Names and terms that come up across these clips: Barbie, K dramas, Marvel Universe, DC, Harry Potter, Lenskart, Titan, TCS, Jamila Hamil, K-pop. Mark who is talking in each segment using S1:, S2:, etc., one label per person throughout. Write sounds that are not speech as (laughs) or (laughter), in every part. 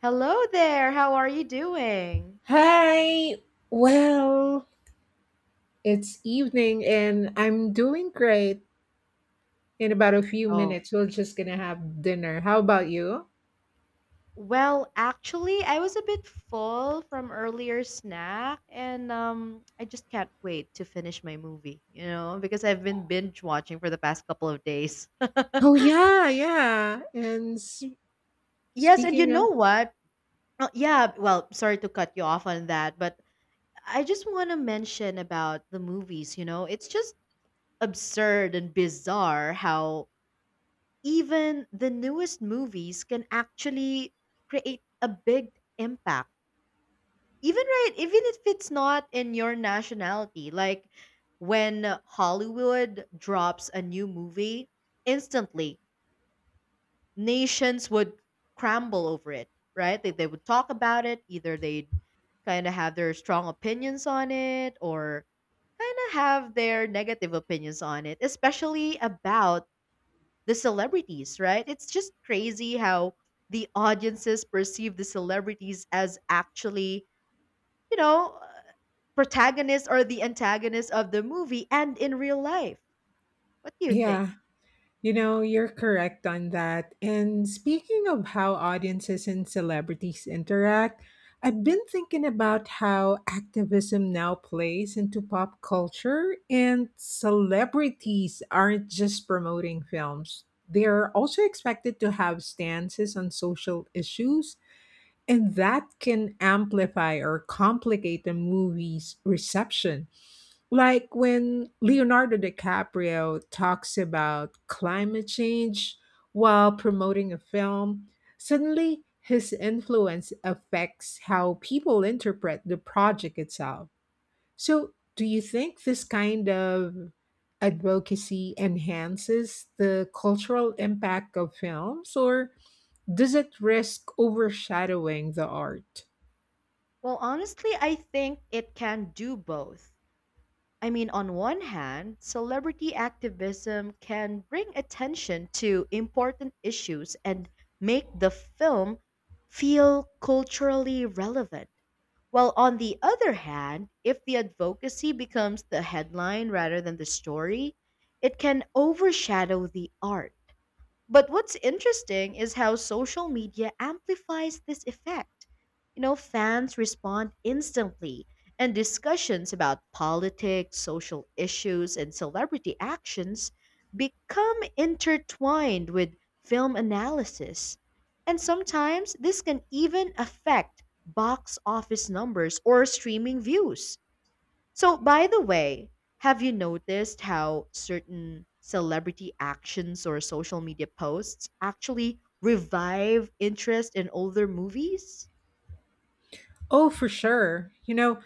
S1: Hello there. How are you doing?
S2: Hi. Well, it's evening and I'm doing great. In about a few
S1: Oh,
S2: minutes, we're just gonna have dinner. How about you?
S1: I was a bit full from earlier snack and I just can't wait to finish my movie, because I've been binge watching for the past couple of days.
S2: Oh
S1: (laughs)
S2: yeah, yeah.
S1: Y- Yes, and you
S2: Speaking
S1: know
S2: of
S1: what? Sorry to cut you off on that, but I just want to mention about the movies, It's just absurd and bizarre how even the newest movies can actually create a big impact even even if it's not in your nationality, like when Hollywood drops a new movie, instantly nations would crumble over it, right? They would talk about it. Either they'd kind of have their strong opinions on it or kind of have their negative opinions on it, especially about the celebrities, right? It's just crazy how the audiences perceive the celebrities as actually, you know, uh, protagonists or the antagonists of the movie and in real life. What do you think?
S2: yeah, you know, you're correct on that. And speaking of how audiences and celebrities interact, I've been thinking about how activism now plays into pop culture, and celebrities aren't just promoting films. They're also expected to have stances on social issues, and that can amplify or complicate a movie's reception. Like when Leonardo DiCaprio talks about climate change while promoting a film, suddenly his influence affects how people interpret the project itself. So, do you think this kind of advocacy enhances the cultural impact of films, or does it risk overshadowing the art?
S1: Well, honestly, I think it can do both. I mean, on one hand, celebrity activism can bring attention to important issues and make the film feel culturally relevant. While on the other hand, if the advocacy becomes the headline rather than the story, it can overshadow the art. But what's interesting is how social media amplifies this effect. You know, fans respond instantly, and discussions about politics, social issues, and celebrity actions become intertwined with film analysis. And sometimes this can even affect box office numbers or streaming views. So, by the way, have you noticed how certain celebrity actions or social media posts actually revive interest in older movies?
S2: Oh, for sure. You know,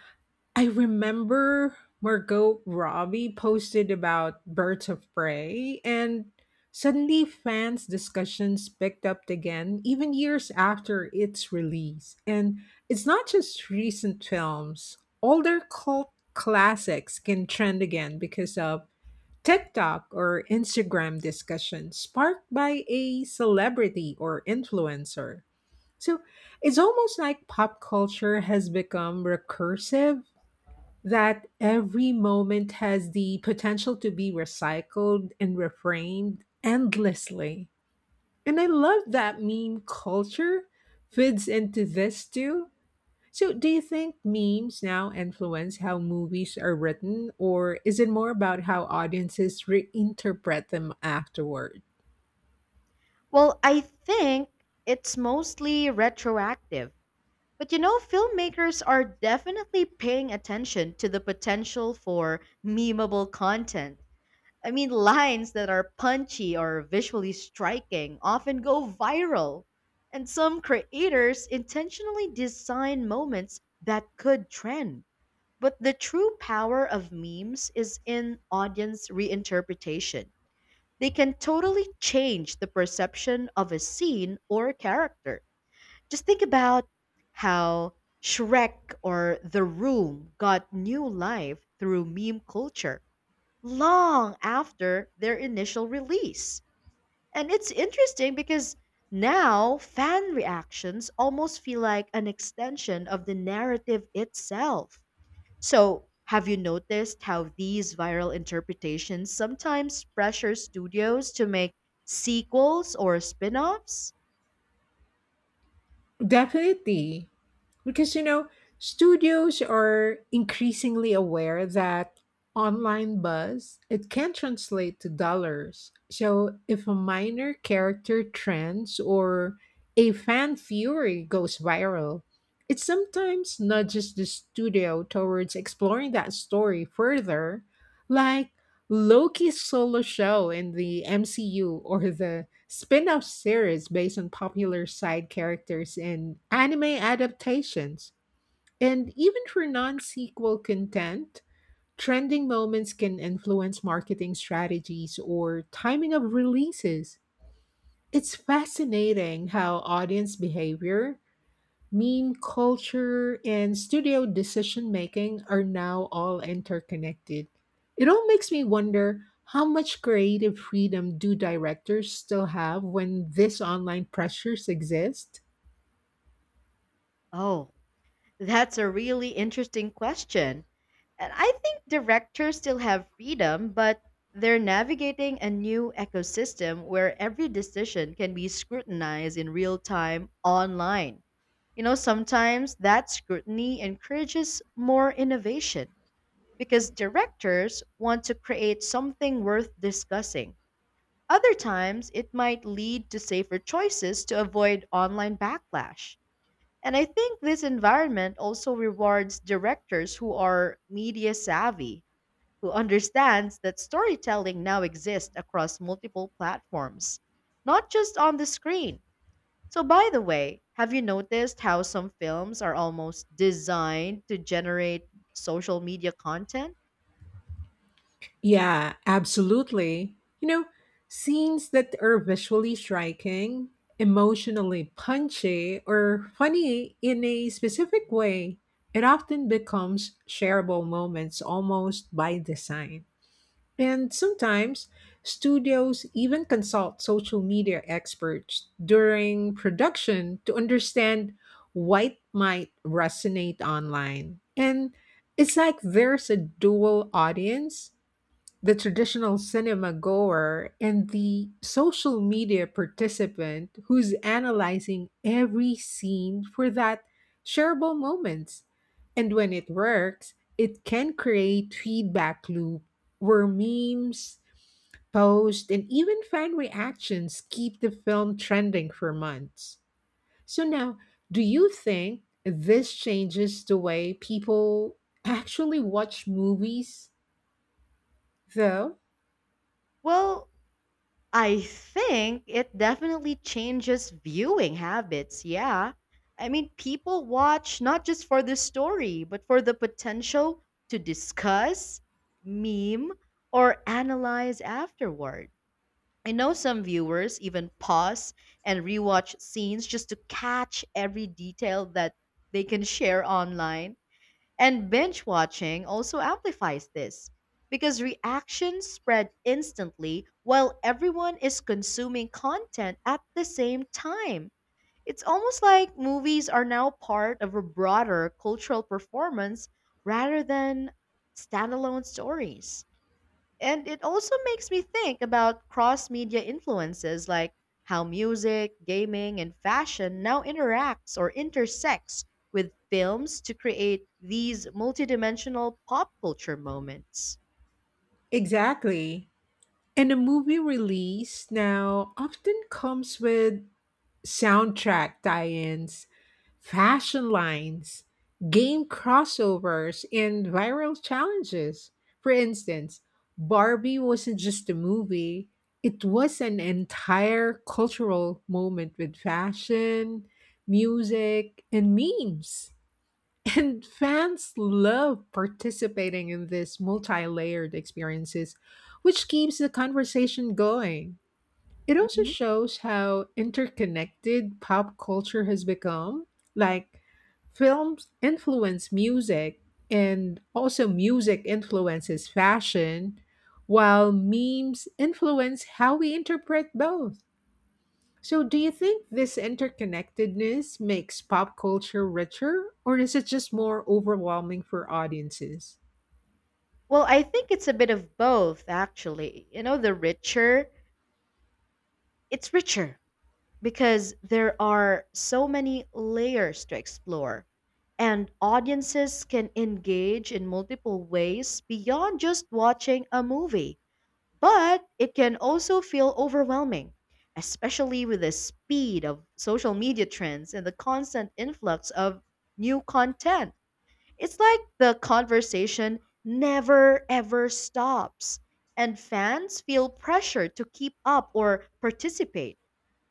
S2: I remember Margot Robbie posted about Birds of Prey, and suddenly fans' discussions picked up again, even years after its release. And it's not just recent films, older cult classics can trend again because of TikTok or Instagram discussion sparked by a celebrity or influencer. So it's almost like pop culture has become recursive, that every moment has the potential to be recycled and reframed endlessly. And I love that meme culture fits into this too. So, do you think memes now influence how movies are written, or is it more about how audiences reinterpret them afterward?
S1: Well, I think it's mostly retroactive. But you know, filmmakers are definitely paying attention to the potential for memeable content. I mean, lines that are punchy or visually striking often go viral, and some creators intentionally design moments that could trend. But the true power of memes is in audience reinterpretation. They can totally change the perception of a scene or character. Just think about how Shrek or The Room got new life through meme culture long after their initial release. And it's interesting because now fan reactions almost feel like an extension of the narrative itself. So, have you noticed how these viral interpretations sometimes pressure studios to make sequels or spin offs?
S2: Definitely. Because, you know, studios are increasingly aware that online buzz, it can translate to dollars. So if a minor character trends or a fan fury goes viral, it sometimes nudges the studio towards exploring that story further, like Loki's solo show in the MCU or the Spin-off series based on popular side characters in anime adaptations. And even for non-sequel content, trending moments can influence marketing strategies or timing of releases. It's fascinating how audience behavior, meme culture and studio decision making are now all interconnected. It all makes me wonder, how much creative freedom do directors still have when these online pressures exist?
S1: Oh, that's a really interesting question. And I think directors still have freedom, but they're navigating a new ecosystem where every decision can be scrutinized in real time online. You know, sometimes that scrutiny encourages more innovation because directors want to create something worth discussing. Other times, it might lead to safer choices to avoid online backlash. And I think this environment also rewards directors who are media savvy, who understands that storytelling now exists across multiple platforms, not just on the screen. So by the way, have you noticed how some films are almost designed to generate social media content?
S2: Yeah, absolutely. You know, scenes that are visually striking, emotionally punchy, or funny in a specific way, it often becomes shareable moments almost by design. And sometimes studios even consult social media experts during production to understand what might resonate online. And it's like there's a dual audience, the traditional cinema goer and the social media participant who's analyzing every scene for that shareable moments. And when it works, it can create feedback loop where memes, posts, and even fan reactions keep the film trending for months. So now, do you think this changes the way people actually watch movies though?
S1: Well, I think it definitely changes viewing habits, yeah. I mean, people watch not just for the story, but for the potential to discuss, meme, or analyze afterward. I know some viewers even pause and rewatch scenes just to catch every detail that they can share online, and binge watching also amplifies this because reactions spread instantly while everyone is consuming content at the same time. It's almost like movies are now part of a broader cultural performance rather than standalone stories. And it also makes me think about cross media influences, like how music, gaming, and fashion now interacts or intersects with films to create these multidimensional pop culture moments.
S2: Exactly. And a movie release now often comes with soundtrack tie ins, fashion lines, game crossovers, and viral challenges. For instance, Barbie wasn't just a movie, it was an entire cultural moment with fashion, music, and memes. And fans love participating in these multi layered experiences, which keeps the conversation going. It also
S1: Hmm.
S2: shows how interconnected pop culture has become. Like, films influence music, and also music influences fashion, while memes influence how we interpret both. So, do you think this interconnectedness makes pop culture richer, or is it just more overwhelming for audiences?
S1: Well, I think it's a bit of both, actually. It's richer because there are so many layers to explore, and audiences can engage in multiple ways beyond just watching a movie. But it can also feel overwhelming, especially with the speed of social media trends and the constant influx of new content. It's like the conversation never ever stops, and fans feel pressure to keep up or participate.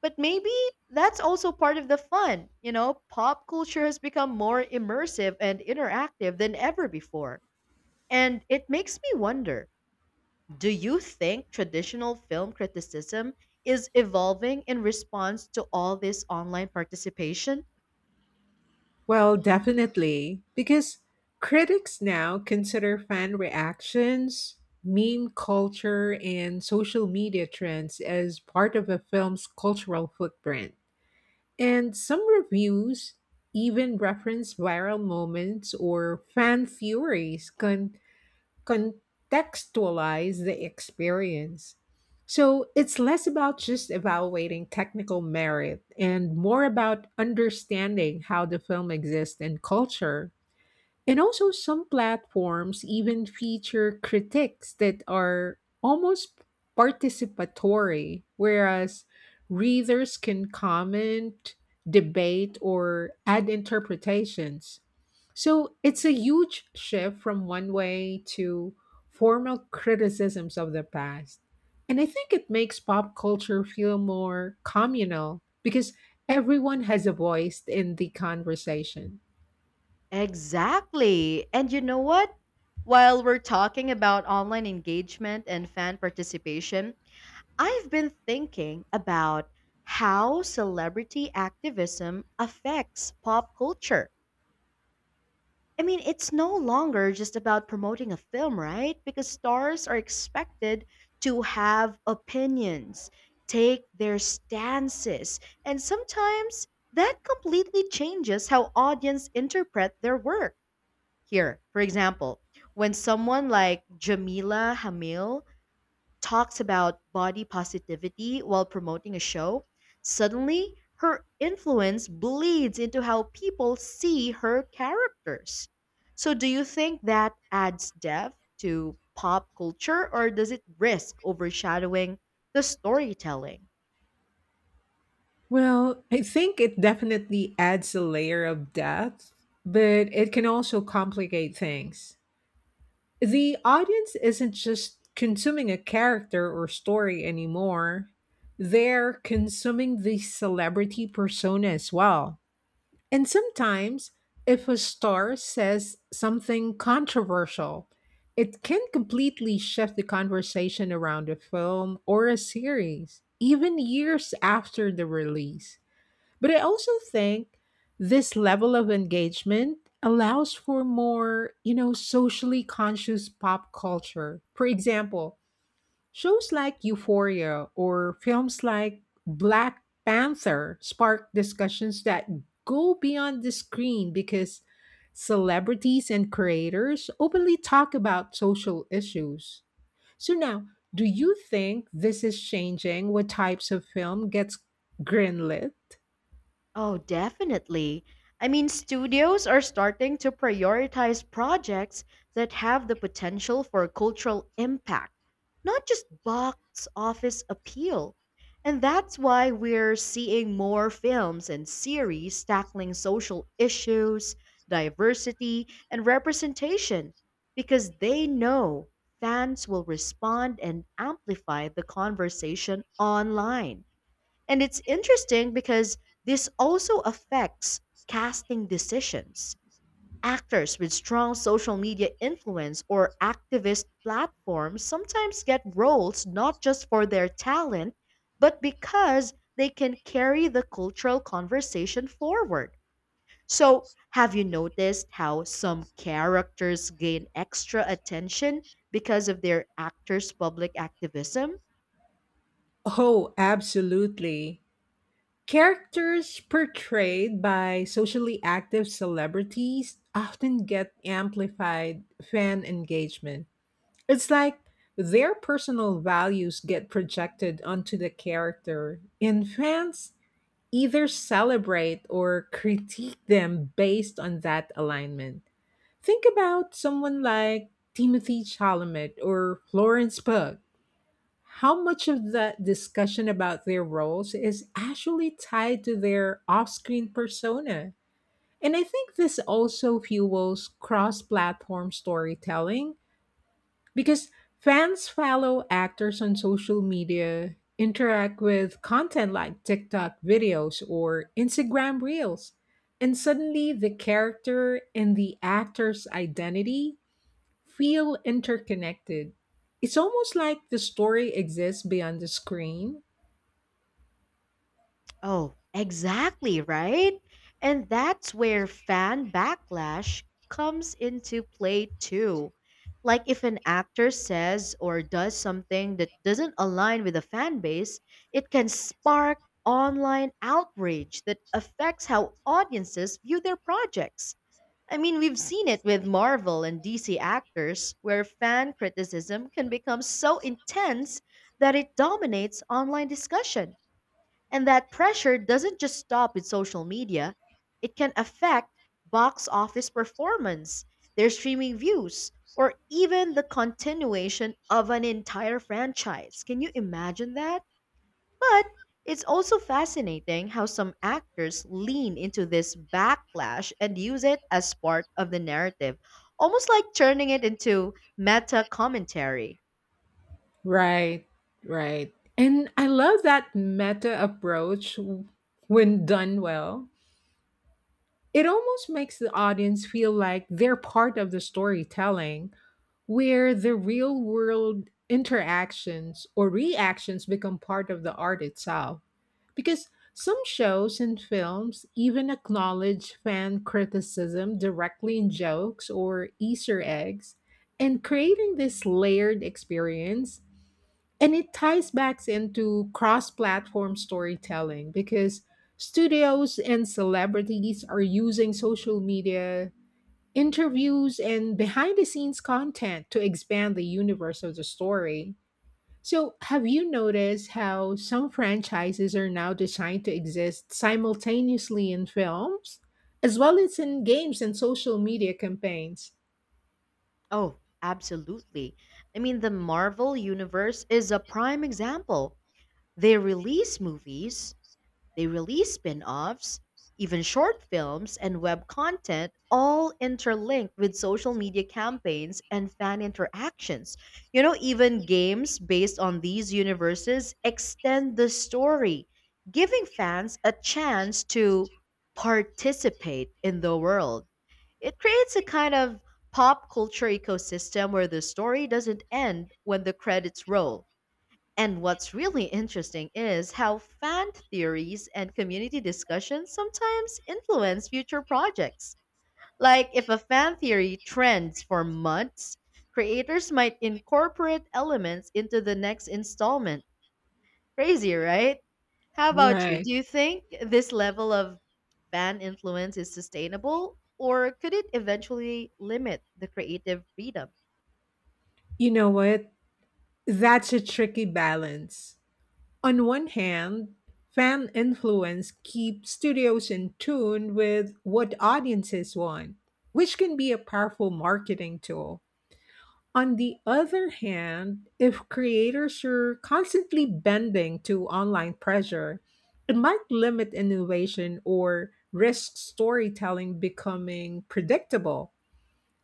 S1: But maybe that's also part of the fun. You know, pop culture has become more immersive and interactive than ever before. And it makes me wonder, do you think traditional film criticism is evolving in response to all this online participation?
S2: Well, definitely, because critics now consider fan reactions, meme culture, and social media trends as part of a film's cultural footprint. And some reviews even reference viral moments or fan theories contextualize the experience. So it's less about just evaluating technical merit and more about understanding how the film exists in culture. And also, some platforms even feature critiques that are almost participatory, whereas readers can comment, debate, or add interpretations. So it's a huge shift from one way to formal criticisms of the past. And I think it makes pop culture feel more communal because everyone has a voice in the conversation.
S1: Exactly. And you know what? While we're talking about online engagement and fan participation, I've been thinking about how celebrity activism affects pop culture. I mean, it's no longer just about promoting a film, right? Because stars are expected to have opinions, take their stances, and sometimes that completely changes how audience interpret their work. Here, for example, when someone like Jamila Hamil talks about body positivity while promoting a show, suddenly her influence bleeds into how people see her characters. So, do you think that adds depth to pop culture, or does it risk overshadowing the storytelling?
S2: Well, I think it definitely adds a layer of depth, but it can also complicate things. The audience isn't just consuming a character or story anymore, they're consuming the celebrity persona as well. And sometimes, if a star says something controversial, it can completely shift the conversation around a film or a series, even years after the release. But I also think this level of engagement allows for more, you know, socially conscious pop culture. For example, shows like Euphoria or films like Black Panther spark discussions that go beyond the screen because celebrities and creators openly talk about social issues. So now, do you think this is changing what types of film gets greenlit?
S1: Oh, definitely. I mean, studios are starting to prioritize projects that have the potential for cultural impact, not just box office appeal. And that's why we're seeing more films and series tackling social issues, diversity, and representation, because they know fans will respond and amplify the conversation online. And it's interesting because this also affects casting decisions. Actors with strong social media influence or activist platforms sometimes get roles not just for their talent, but because they can carry the cultural conversation forward. So, have you noticed how some characters gain extra attention because of their actors' public activism?
S2: Oh, absolutely. Characters portrayed by socially active celebrities often get amplified fan engagement. It's like their personal values get projected onto the character, and fans either celebrate or critique them based on that alignment. Think about someone like Timothy Chalamet or Florence Pugh, how much of that discussion about their roles is actually tied to their off screen persona? And I think this also fuels cross platform storytelling because fans follow actors on social media, interact with content like TikTok videos or Instagram reels, and suddenly the character and the actor's identity feel interconnected. It's almost like the story exists beyond the screen.
S1: Oh, exactly, right? And that's where fan backlash comes into play too. Like if an actor says or does something that doesn't align with the fan base, it can spark online outrage that affects how audiences view their projects. I mean, we've seen it with Marvel and DC actors where fan criticism can become so intense that it dominates online discussion. And that pressure doesn't just stop with social media, it can affect box office performance, their streaming views, or even the continuation of an entire franchise. Can you imagine that? But it's also fascinating how some actors lean into this backlash and use it as part of the narrative, almost like turning it into meta commentary.
S2: Right, right. And I love that meta approach when done well. It almost makes the audience feel like they're part of the storytelling where the real world interactions or reactions become part of the art itself. Because some shows and films even acknowledge fan criticism directly in jokes or Easter eggs, and creating this layered experience. And it ties back into cross platform storytelling because studios and celebrities are using social media interviews and behind the scenes content to expand the universe of the story. So, have you noticed how some franchises are now designed to exist simultaneously in films, as well as in games and social media campaigns?
S1: Oh, absolutely. I mean, the Marvel Universe is a prime example. They release movies, they release spin offs, even short films and web content, all interlinked with social media campaigns and fan interactions. You know, even games based on these universes extend the story, giving fans a chance to participate in the world. It creates a kind of pop culture ecosystem where the story doesn't end when the credits roll. And what's really interesting is how fan theories and community discussions sometimes influence future projects. Like, if a fan theory trends for months, creators might incorporate elements into the next installment. Crazy, right? How about you?
S2: Right.
S1: Do you think this level of fan influence is sustainable, or could it eventually limit the creative freedom?
S2: You know what? That's a tricky balance. On one hand, fan influence keeps studios in tune with what audiences want, which can be a powerful marketing tool. On the other hand, if creators are constantly bending to online pressure, it might limit innovation or risk storytelling becoming predictable.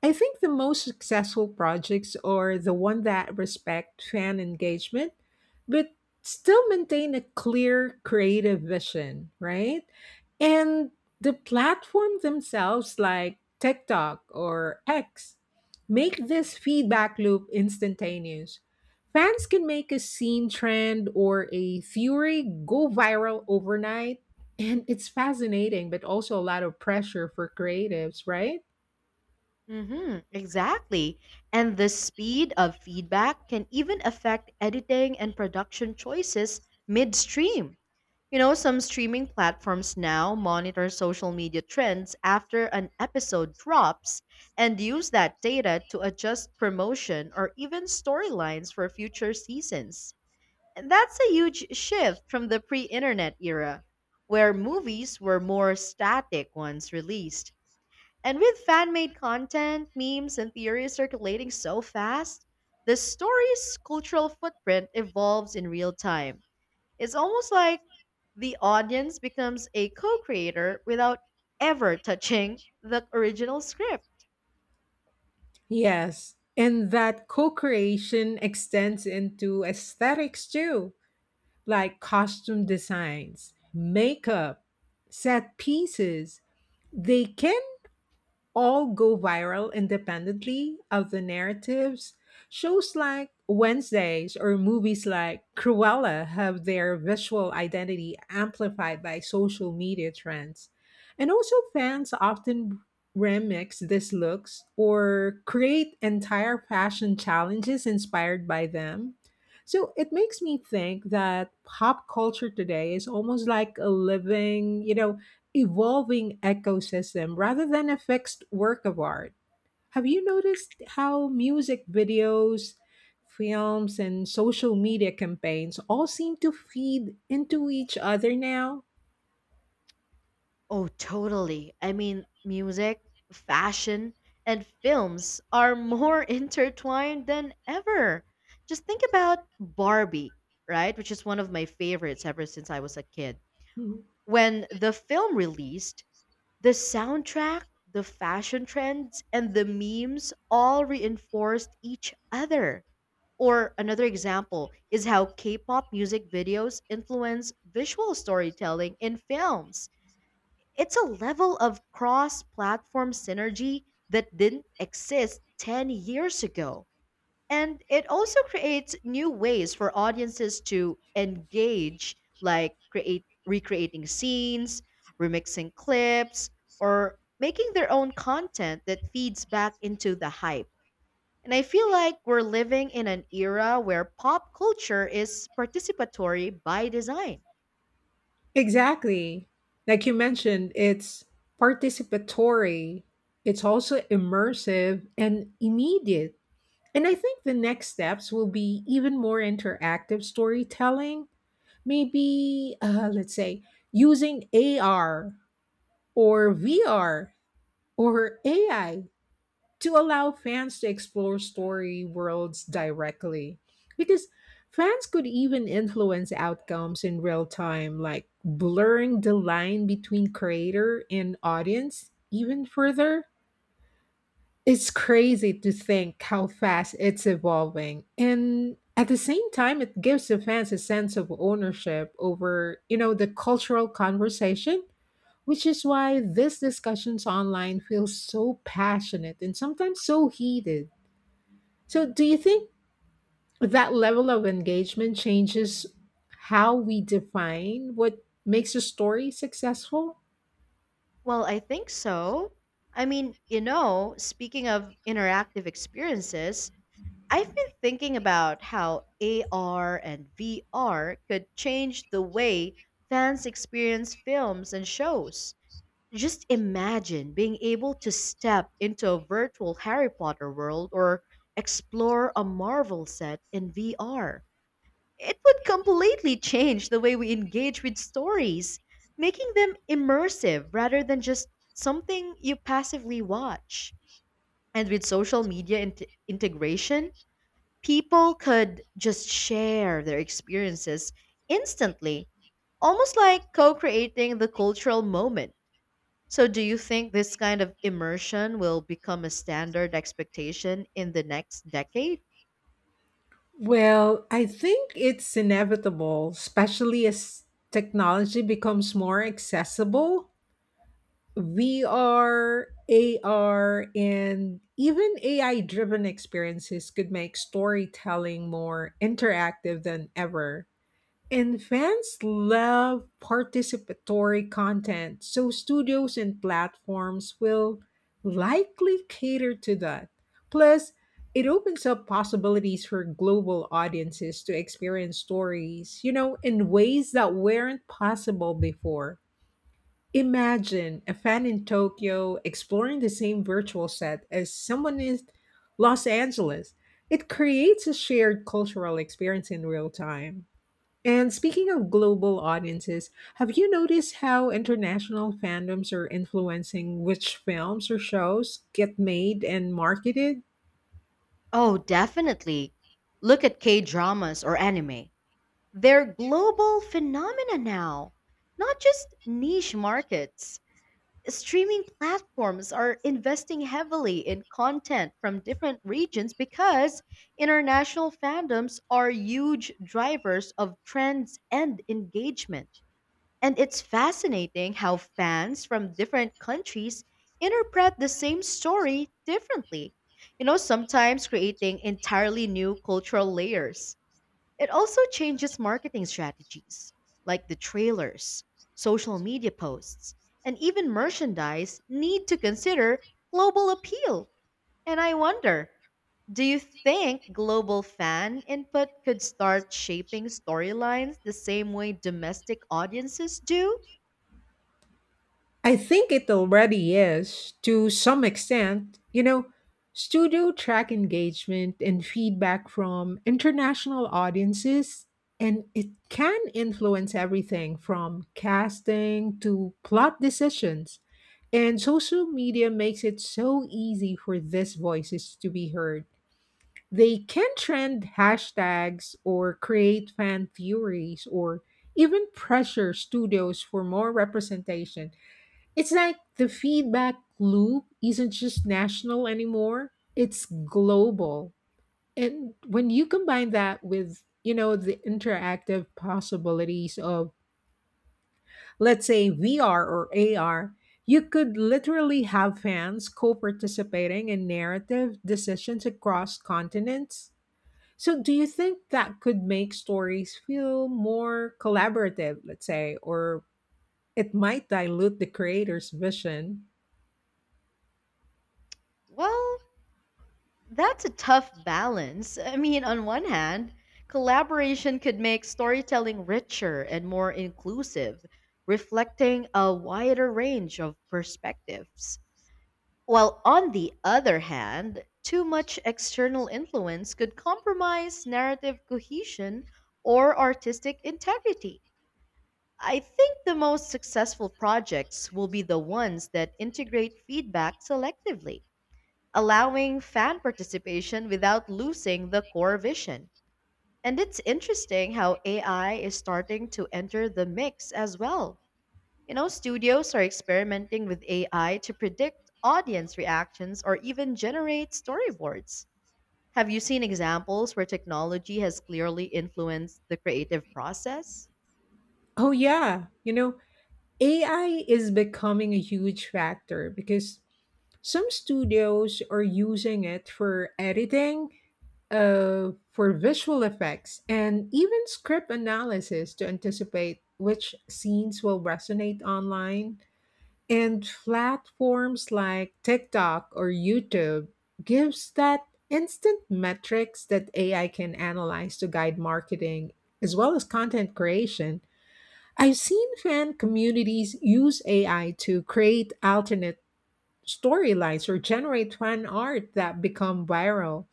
S2: I think the most successful projects are the one that respect fan engagement, but still maintain a clear creative vision, right? And the platform themselves, like TikTok or X, make this feedback loop instantaneous. Fans can make a scene trend or a theory go viral overnight. And it's fascinating, but also a lot of pressure for creatives, right?
S1: Hmm, exactly. And the speed of feedback can even affect editing and production choices midstream. You know, some streaming platforms now monitor social media trends after an episode drops and use that data to adjust promotion or even storylines for future seasons. And that's a huge shift from the pre internet era, where movies were more static once released. And with fan made content, memes, and theories circulating so fast, the story's cultural footprint evolves in real time. It's almost like the audience becomes a co creator without ever touching the original script.
S2: Yes, and that co creation extends into aesthetics too, like costume designs, makeup, set pieces. They can all go viral independently of the narratives. Shows like Wednesdays or movies like Cruella have their visual identity amplified by social media trends. And also, fans often remix these looks or create entire fashion challenges inspired by them. So it makes me think that pop culture today is almost like a living, you know, evolving ecosystem rather than a fixed work of art. Have you noticed how music videos, films, and social media campaigns all seem to feed into each other now?
S1: Oh, totally. I mean, music, fashion, and films are more (laughs) intertwined than ever. Just think about Barbie, right? Which is one of my favorites ever since I was a kid.
S2: Mhm.
S1: When the film released, the soundtrack, the fashion trends, and the memes all reinforced each other. Or another example is how K pop music videos influence visual storytelling in films. It's a level of cross platform synergy that didn't exist 10 years ago, and it also creates new ways for audiences to engage, like create recreating scenes, remixing clips, or making their own content that feeds back into the hype. And I feel like we're living in an era where pop culture is participatory by design.
S2: Exactly. Like you mentioned, it's participatory, it's also immersive and immediate. And I think the next steps will be even more interactive storytelling, maybe let's say using AR or VR or AI to allow fans to explore story worlds directly. Because fans could even influence outcomes in real time, like blurring the line between creator and audience even further. It's crazy to think how fast it's evolving. And at the same time, it gives the fans a sense of ownership over, you know, the cultural conversation, which is why these discussions online feel so passionate and sometimes so heated. So, do you think that level of engagement changes how we define what makes a story successful?
S1: Well, I think so. I mean, you know, speaking of interactive experiences, I've been thinking about how AR and VR could change the way fans experience films and shows. Just imagine being able to step into a virtual Harry Potter world or explore a Marvel set in VR. It would completely change the way we engage with stories, making them immersive rather than just something you passively watch. And with social media integration, people could just share their experiences instantly, almost like co creating the cultural moment. So, do you think this kind of immersion will become a standard expectation in the next decade?
S2: Well, I think it's inevitable, especially as technology becomes more accessible. VR, AR, and even AI driven experiences could make storytelling more interactive than ever. And fans love participatory content, so studios and platforms will likely cater to that. Plus, it opens up possibilities for global audiences to experience stories, you know, in ways that weren't possible before. Imagine a fan in Tokyo exploring the same virtual set as someone in Los Angeles. It creates a shared cultural experience in real time. And speaking of global audiences, have you noticed how international fandoms are influencing which films or shows get made and marketed?
S1: Oh, definitely. Look at K dramas or anime. They're global phenomena now, not just niche markets. Streaming platforms are investing heavily in content from different regions because international fandoms are huge drivers of trends and engagement. And it's fascinating how fans from different countries interpret the same story differently, you know, sometimes creating entirely new cultural layers. It also changes marketing strategies, like the trailers, social media posts, and even merchandise need to consider global appeal. And I wonder, do you think global fan input could start shaping storylines the same way domestic audiences do?
S2: I think it already is to some extent. You know, studio track engagement and feedback from international audiences, and it can influence everything from casting to plot decisions. And social media makes it so easy for these voices to be heard. They can trend hashtags or create fan theories or even pressure studios for more representation. It's like the feedback loop isn't just national anymore, it's global. And when you combine that with, you know, the interactive possibilities of, let's say, VR or AR, you could literally have fans co participating in narrative decisions across continents. So, do you think that could make stories feel more collaborative, let's say, or it might dilute the creator's vision?
S1: Well, that's a tough balance. I mean, on one hand, collaboration could make storytelling richer and more inclusive, reflecting a wider range of perspectives. While on the other hand, too much external influence could compromise narrative cohesion or artistic integrity. I think the most successful projects will be the ones that integrate feedback selectively, allowing fan participation without losing the core vision. And it's interesting how AI is starting to enter the mix as well. You know, studios are experimenting with AI to predict audience reactions or even generate storyboards. Have you seen examples where technology has clearly influenced the creative process?
S2: Oh, yeah. You know, AI is becoming a huge factor because some studios are using it for editing, for visual effects, and even script analysis to anticipate which scenes will resonate online. And platforms like TikTok or YouTube gives that instant metrics that AI can analyze to guide marketing as well as content creation. I've seen fan communities use AI to create alternate storylines or generate fan art that become viral,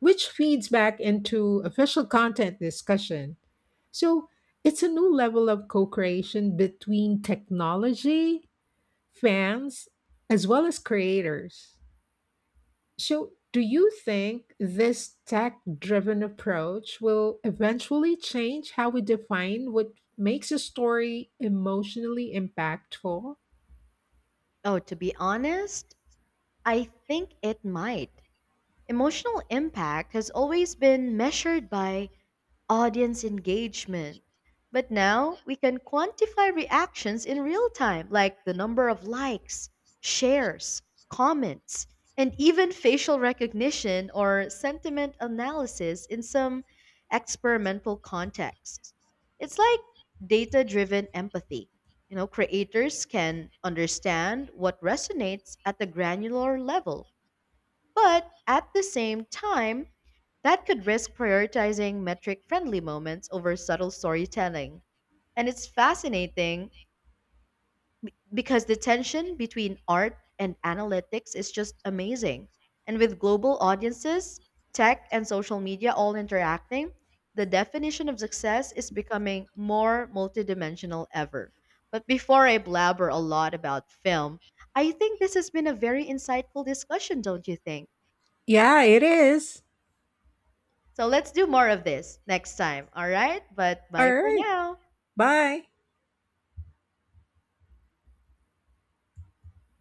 S2: which feeds back into official content discussion. So it's a new level of co creation between technology, fans, as well as creators. So, do you think this tech driven approach will eventually change how we define what makes a story emotionally impactful?
S1: Oh, to be honest, I think it might. Emotional impact has always been measured by audience engagement. But now we can quantify reactions in real time, like the number of likes, shares, comments, and even facial recognition or sentiment analysis in some experimental contexts. It's like data driven empathy. You know, creators can understand what resonates at the granular level, but at the same time, that could risk prioritizing metric friendly moments over subtle storytelling. And it's fascinating because the tension between art and analytics is just amazing. And with global audiences, tech, and social media all interacting, the definition of success is becoming more multidimensional ever. But before I blabber a lot about film, I think this has been a very insightful discussion, don't you think?
S2: Yeah, it is.
S1: So let's do more of this next time. All right. But bye
S2: All
S1: for
S2: right.
S1: now.
S2: Bye.